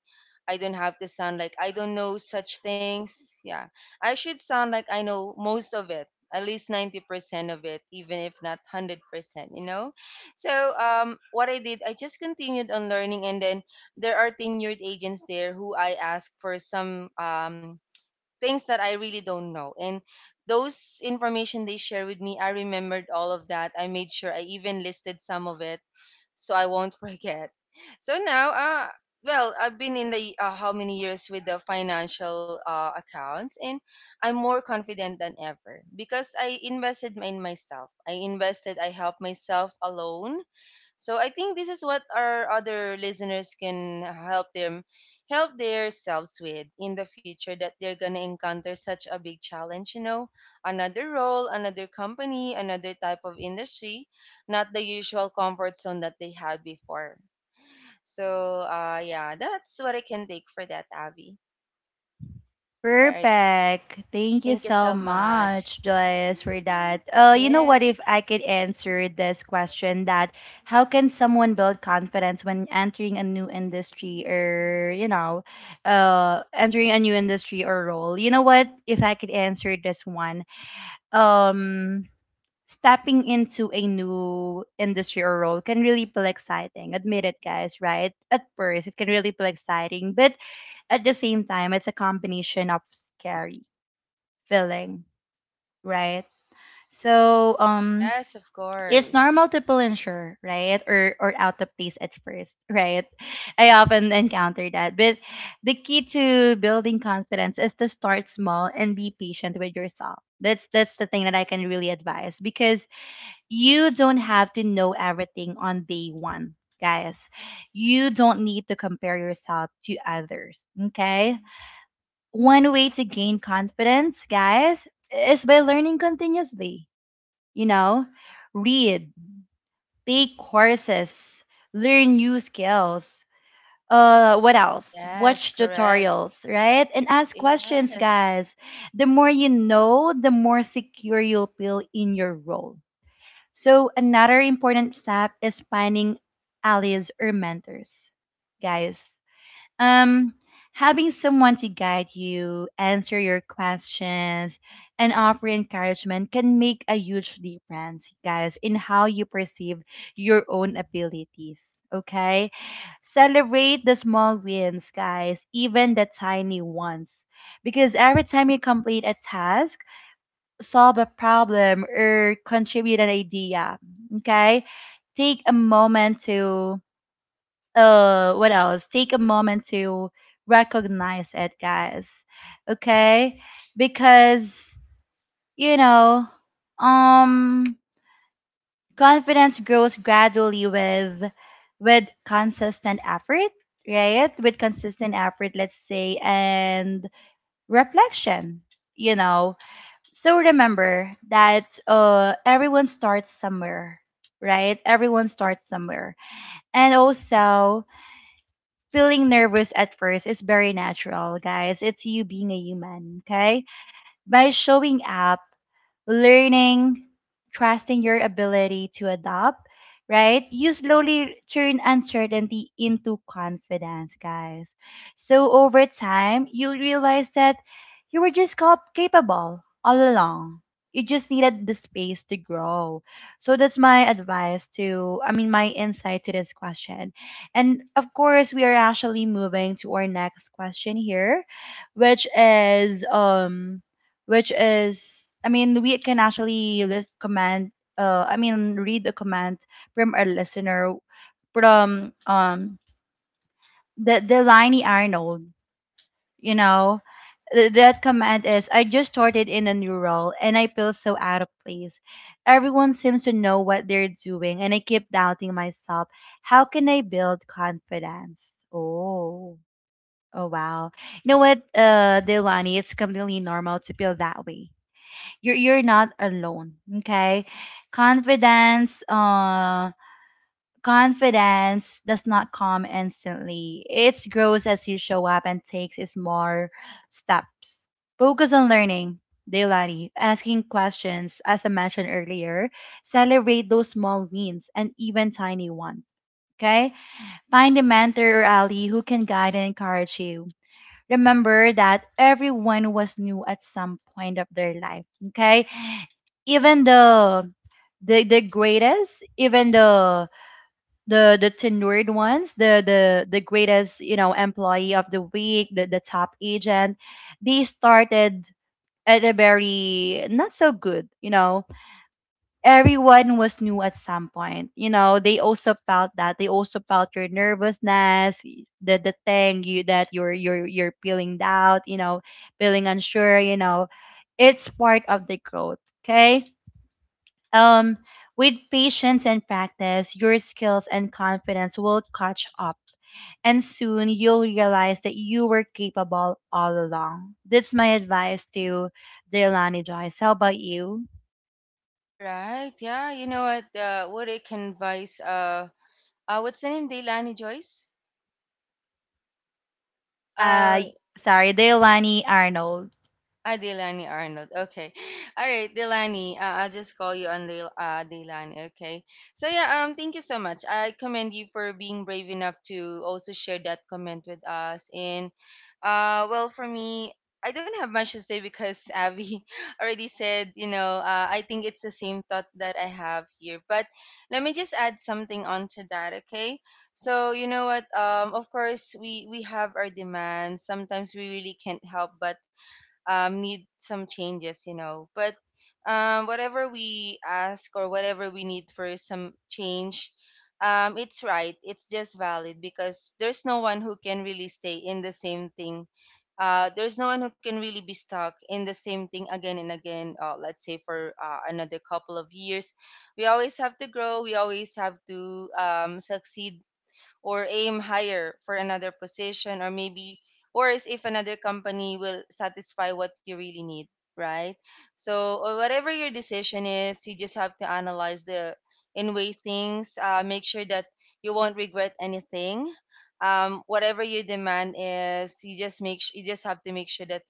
B: I don't have to sound like I don't know such things. Yeah. I should sound like I know most of it, at least 90% of it, even if not 100%, you know? So, what I did, I just continued on learning, and then there are tenured agents there who I ask for some things that I really don't know. And those information they share with me, I remembered all of that. I made sure I even listed some of it so I won't (laughs) forget. So now, uh, well, I've been in the how many years with the financial accounts, and I'm more confident than ever because I invested in myself. I invested. I helped myself alone. So I think this is what our other listeners can help them help themselves with in the future, that they're gonna encounter such a big challenge, you know, another role, another company, another type of industry, not the usual comfort zone that they had before. So yeah, that's what I can take for that, Avi. All right.
A: Perfect. Thank you
B: Thank you so
A: so
B: much.
A: much, Joyce, for that. You know what? If
B: Yes.
A: I could answer this question, that how can someone build confidence when entering a new industry or, you know, entering a new industry or role? You know what? If I could answer this one, um, stepping into a new industry or role can really feel exciting. Admit it, guys, right? At first, it can really feel exciting, but at the same time, it's a combination of scary feeling, right? So um,
B: Yes, of
A: it's
B: course.
A: normal to feel unsure, right? Or out of place at first, (laughs) right? I often encounter that. But the key to building confidence is to start small and be patient with yourself. That's the thing that I can really advise, because you don't have to know everything on day one, guys. You don't need to compare yourself to others. Okay, one way to gain confidence, guys, is by learning continuously. You know, read, take courses, learn new skills. What else?
B: Yes,
A: Watch
B: correct.
A: tutorials, right? And ask questions,
B: Yes.
A: guys. The more you know, the more secure you'll feel in your role. So, another important step is finding allies or mentors, guys. Um, having someone to guide you, answer your questions, and offer encouragement can make a huge difference, guys, in how you perceive your own abilities. Okay? Celebrate the small wins, guys, even the tiny ones. Because every time you complete a task, solve a problem, or contribute an idea, okay? Take a moment to what else, take a moment to recognize it, guys, okay? Because you know, um, confidence grows gradually with consistent effort, right, with consistent effort, let's say, and reflection, you know. So remember that everyone starts somewhere, right, everyone starts somewhere. And also, feeling nervous at first is very natural, guys. It's you being a human, okay? By showing up, learning, trusting your ability to adapt, right? You slowly turn uncertainty into confidence, guys. So over time, you realize that you were just capable all along. You just needed the space to grow. So that's my advice to, I mean, my insight to this question. And of course, we are actually moving to our next question here, which is which is, I mean, we can actually list command, I mean, read a command from our listener from um, the Arnold, you know. That command is, "I just started in a new role and I feel so out of place. Everyone seems to know what they're doing and I keep doubting myself. How can I build confidence?" Oh, oh wow. You know what, Delaney, it's completely normal to feel that way. You're not alone, okay? Confidence uh confidence does not come instantly. It grows as you show up and takes its more steps. Focus on learning daily, asking questions as I mentioned earlier. Celebrate those small wins and even tiny ones, okay? Find a mentor or ally who can guide and encourage you. Remember that everyone was new at some point of their life. Okay. Even the greatest, even the tenured ones, the greatest, you know, employee of the week, the top agent, they started at a very not so good, you know. Everyone was new at some point. You know, they also felt that. They also felt your nervousness, the thing you that you're feeling doubt, you know, feeling unsure, you know. It's part of the growth. Okay. Um with patience and practice, your skills and confidence will catch up. And soon you'll realize that you were capable all along. That's my advice to Deolani Joyce. How about you?
B: All right. Yeah. You know what? What I can advise? What's the name? Deilani Joyce. Uh,
A: uh Sorry, Deolani Arnold.
B: Ah, Delani Arnold. Okay. All right, Delani. I'll just call you on Delani. Okay. So yeah, thank you so much. I commend you for being brave enough to also share that comment with us. And well, for me, I don't have much to say because (laughs) Abby already said, you know, I think it's the same thought that I have here. But let me just add something onto that, okay? So you know what? Of course, we have our demands. Sometimes we really can't help but need some changes, you know. But whatever we ask or whatever we need for some change, it's right. It's just valid because there's no one who can really stay in the same thing. There's no one who can really be stuck in the same thing again and again. Let's say for another couple of years, we always have to grow. We always have to succeed or aim higher for another position, or maybe worse, if another company will satisfy what you really need, right? So or whatever your decision is, you just have to analyze the in way things, make sure that you won't regret anything. Whatever your demand is, you just you just have to make sure that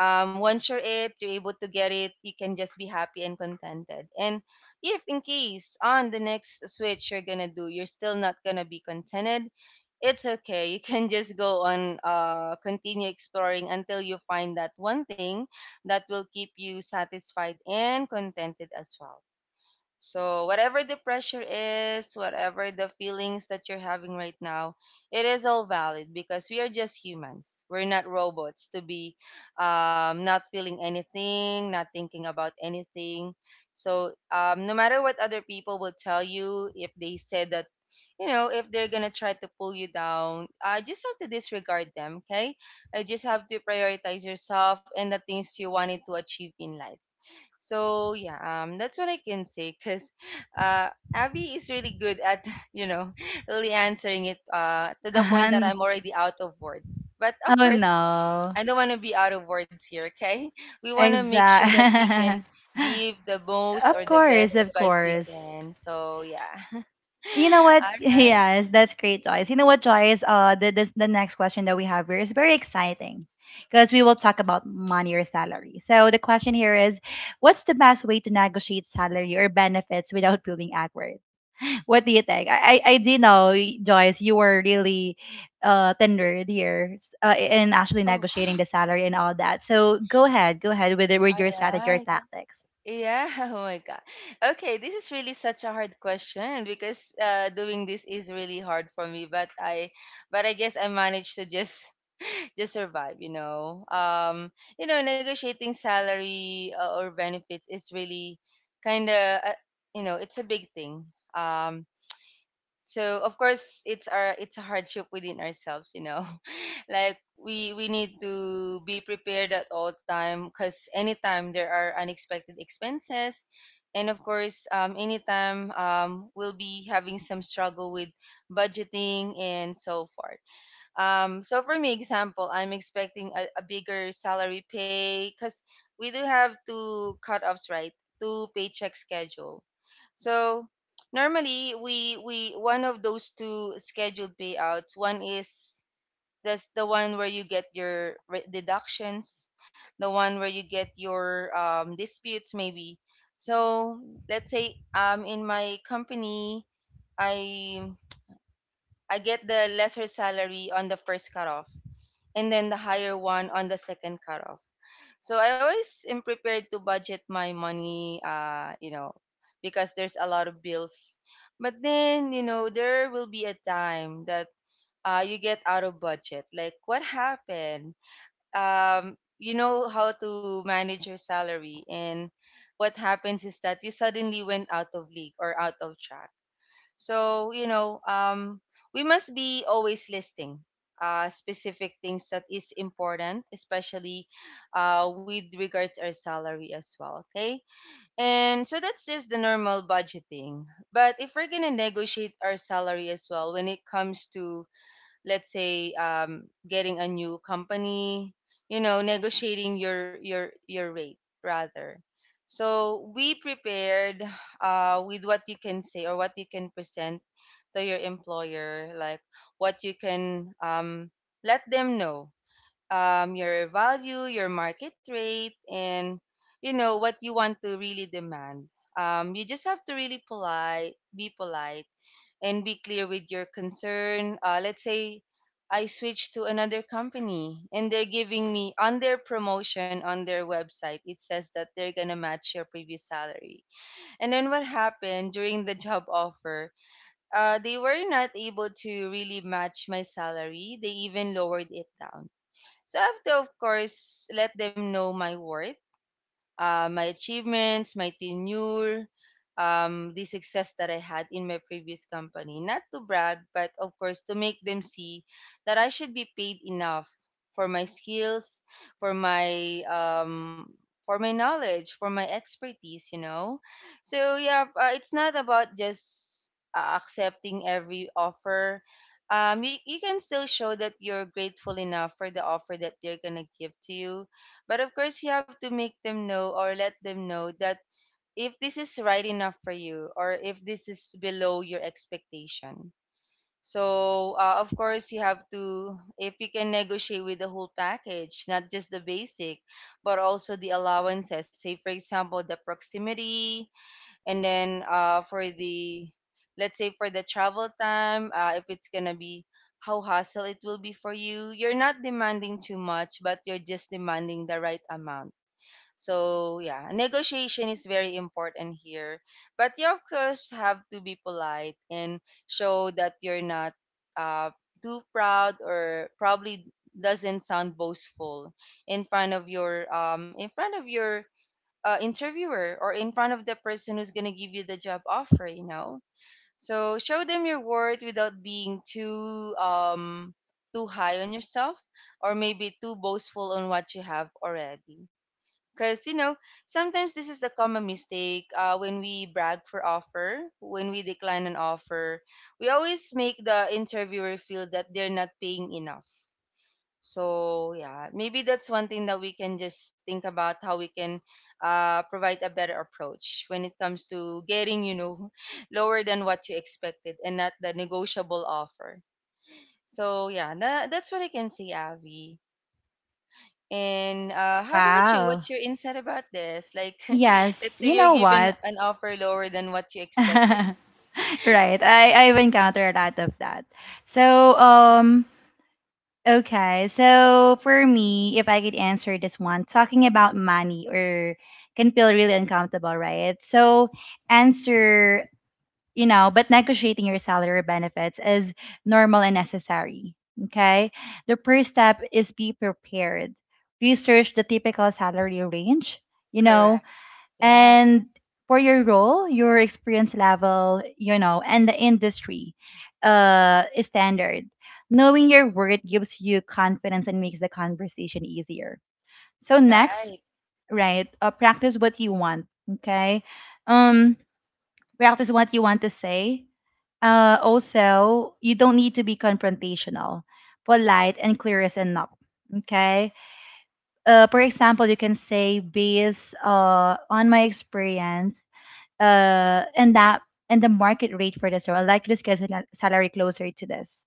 B: once you're it, you're able to get it, you can just be happy and contented. And if in case on the next switch you're gonna do, you're still not gonna be contented, it's okay. You can (laughs) just go on, continue exploring until you find that one thing that will keep you satisfied and contented as well. So, whatever the pressure is, whatever the feelings that you're having right now, it is all valid because we are just humans. We're not robots to be not feeling anything, not thinking about anything. So, no matter what other people will tell you, if they said that, if they're going to try to pull you down, I just have to disregard them, okay? I just have to prioritize yourself and the things you wanted to achieve in life, so yeah, that's what I can say because (laughs) Abby is really good at (laughs) you know really answering it to the point that
A: And
B: I'm already out of words. But of
A: oh
B: course, (sniffs)
A: no.
B: I don't want to be out of words here. Okay, (laughs) we want to make sure that we can
A: Exact.
B: give the
A: (laughs)
B: most or
A: Of
B: the
A: course,
B: best
A: of
B: advice we
A: course.
B: can. So yeah, (laughs)
A: You know what?
B: all
A: (laughs)
B: right.
A: Yes, that's great, Joyce. You know what, Joyce? The the next question that we have here is very exciting, because we will talk about money or salary. So the question here is, what's the best way to negotiate salary or benefits without feeling awkward? What do you think? I do know, Joyce, you were really tendered here, in actually
B: Oh,
A: negotiating the salary and all that. So go ahead with it,
B: (gasps)
A: with
B: all
A: your strategy, your
B: right.
A: tactics.
B: Yeah, (laughs) oh my God. Okay, this is really such a hard question because doing this is really hard for me, but I guess I managed to just (laughs) just survive, you know. You know, negotiating salary or benefits is really kind of you know, it's a big thing. Um, so of course it's a hardship within ourselves, you know. (laughs) Like we need to be prepared at all time because anytime there are unexpected expenses, and of course anytime we'll be having some struggle with budgeting and so forth. So for me, example, I'm expecting a bigger salary pay because we do have two cutoffs, right? Two paycheck schedule. So normally we one of those two scheduled payouts. One is that's the one where you get your deductions, the one where you get your disputes maybe. So let's say in my company I I get the lesser salary on the first cutoff and then the higher one on the second cutoff. So I always am prepared to budget my money, you know, because there's a lot of bills. But then, you know, there will be a time that you get out of budget. Like, what happened? You know how to manage your salary, and what happens is that you suddenly went out of league or out of track. So, you know, we must be always listing specific things that is important, especially with regards our salary as well. Okay. And so that's just the normal budgeting. But if we're going to negotiate our salary as well when it comes to, let's say getting a new company, you know, negotiating your rate rather, so we prepared with what you can say or what you can present to your employer, like what you can let them know, your value, your market rate, and you know what you want to really demand. You just have to really polite be polite and be clear with your concern. Let's say I switch to another company and they're giving me on their promotion on their website, it says that they're gonna match your previous salary. And then what happened during the (laughs) job offer? They were not able to really match my salary, they even lowered it down. So I have to, of course, let them know my worth, my achievements, my tenure, the success that I had in my previous company. Not to brag, but of course to make them see that I should be paid enough for my skills, for my um, for my knowledge, for my expertise. You know, so yeah, it's not about just accepting every offer. You can still show that you're grateful enough for the offer that they're gonna give to you, but of course, you have to make them know or let them know that if this is right enough for you or if this is below your expectation. So, of course, you have to, if you can negotiate with the whole package, not just the basic, but also the allowances. Say, for example, the proximity, and then for the, let's say, for the travel time, if it's going to be how hassle it will be for you. You're not demanding too much, but you're just demanding the right amount, so yeah, negotiation is very important here. But you of course have to be polite and show that you're not uh, too proud or probably doesn't sound boastful in front of your interviewer or in front of the person who's gonna give you the job offer. You know, so show them your worth without being too too high on yourself or maybe too boastful on what you have already. Because, you know, sometimes this is a common mistake when we brag for offer, when we decline an offer. We always make the interviewer feel that they're not paying enough. So, yeah, maybe that's one thing that we can just think about how we can provide a better approach when it comes to getting, you know, (laughs) lower than what you expected and not the negotiable offer. So, yeah, that's what I can say, Avi. And how about you? What's
A: Wow.
B: your insight about this? Like, (laughs) let's
A: Yes.
B: say
A: You
B: you're
A: know
B: given
A: what?
B: an offer lower than what you
A: (laughs)
B: expected.
A: Right. I've encountered a lot of that. So um. Okay, so for me, if I could answer this one, talking about money or can feel really uncomfortable, right? So, answer, you know, but negotiating your salary or benefits is normal and necessary. Okay. The first step is, be prepared. Research the typical salary range, you know,
B: Correct.
A: and
B: Yes.
A: for your role, your experience level, you know, and the industry standard. Knowing your worth gives you confidence and makes the conversation easier. So next,
B: Right.
A: right, practice what you want. Okay. Um, practice what you want to say. Also, you don't need to be confrontational, polite and clear is enough. Okay. For example, you can say, based on my experience, uh, and that and the market rate for this role, I'd like to discuss a salary closer to this.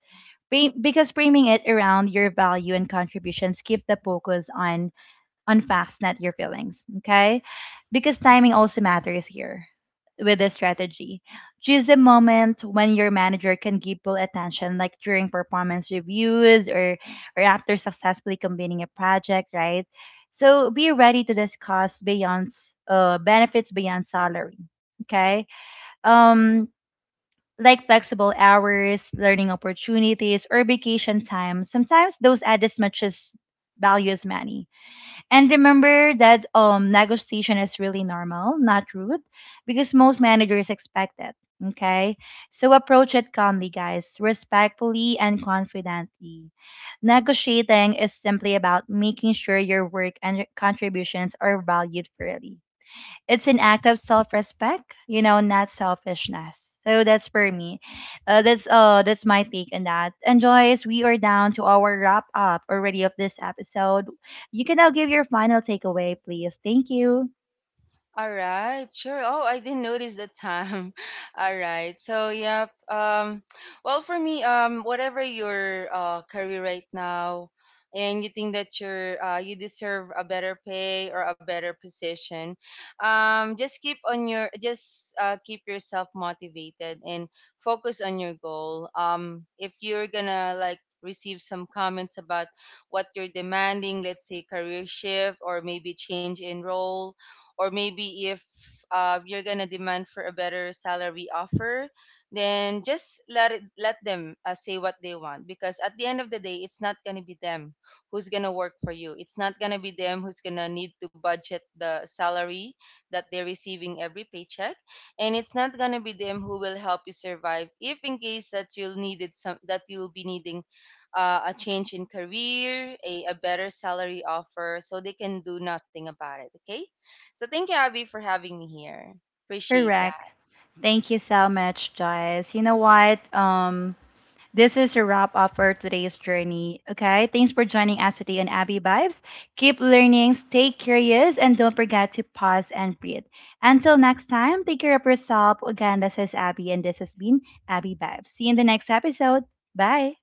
A: Because framing it around your value and contributions keep the focus on facts, not your feelings. Okay? Because timing also matters here with this strategy. Choose a moment when your manager can give full attention, like during performance reviews, or after successfully completing a project, right? So be ready to discuss beyond benefits beyond salary. Okay. Um, like flexible hours, learning opportunities, or vacation time. Sometimes those add as much as value as money. And remember that negotiation is really normal, not rude, because most managers expect it. Okay. So approach it calmly, guys, respectfully and confidently. Negotiating is simply about making sure your work and contributions are valued fairly. It's an act of self-respect, you know, not selfishness. So that's for me, that's my take on that. And Joyce, we are down to our wrap up already of this episode. You can now give your final takeaway, please. Thank you.
B: All right, sure. Oh, I didn't notice the time. (laughs) All right. So, yeah. Well, for me, whatever your career right now, and you think that you're you deserve a better pay or a better position, just keep yourself motivated and focus on your goal. If you're gonna like receive some comments about what you're demanding, let's say career shift or maybe change in role or maybe if you're gonna demand for a better salary offer, then just let them say what they want because at the end of the day, it's not gonna be them who's gonna work for you. It's not gonna be them who's gonna need to budget the salary that they're receiving every paycheck, and it's not gonna be them who will help you survive if in case that you'll needed some that you'll be needing a change in career, a better salary offer, so they can do nothing about it. Okay. So thank you, Abby, for having me here. Appreciate
A: Correct.
B: that.
A: Thank you so much, Joyce. You know what? This is a wrap up for today's journey. Okay, thanks for joining us today on Abby Vibes. Keep learning, stay curious, and don't forget to pause and breathe. Until next time, take care of yourself. Again, this is Abby, and this has been Abby Vibes. See you in the next episode. Bye.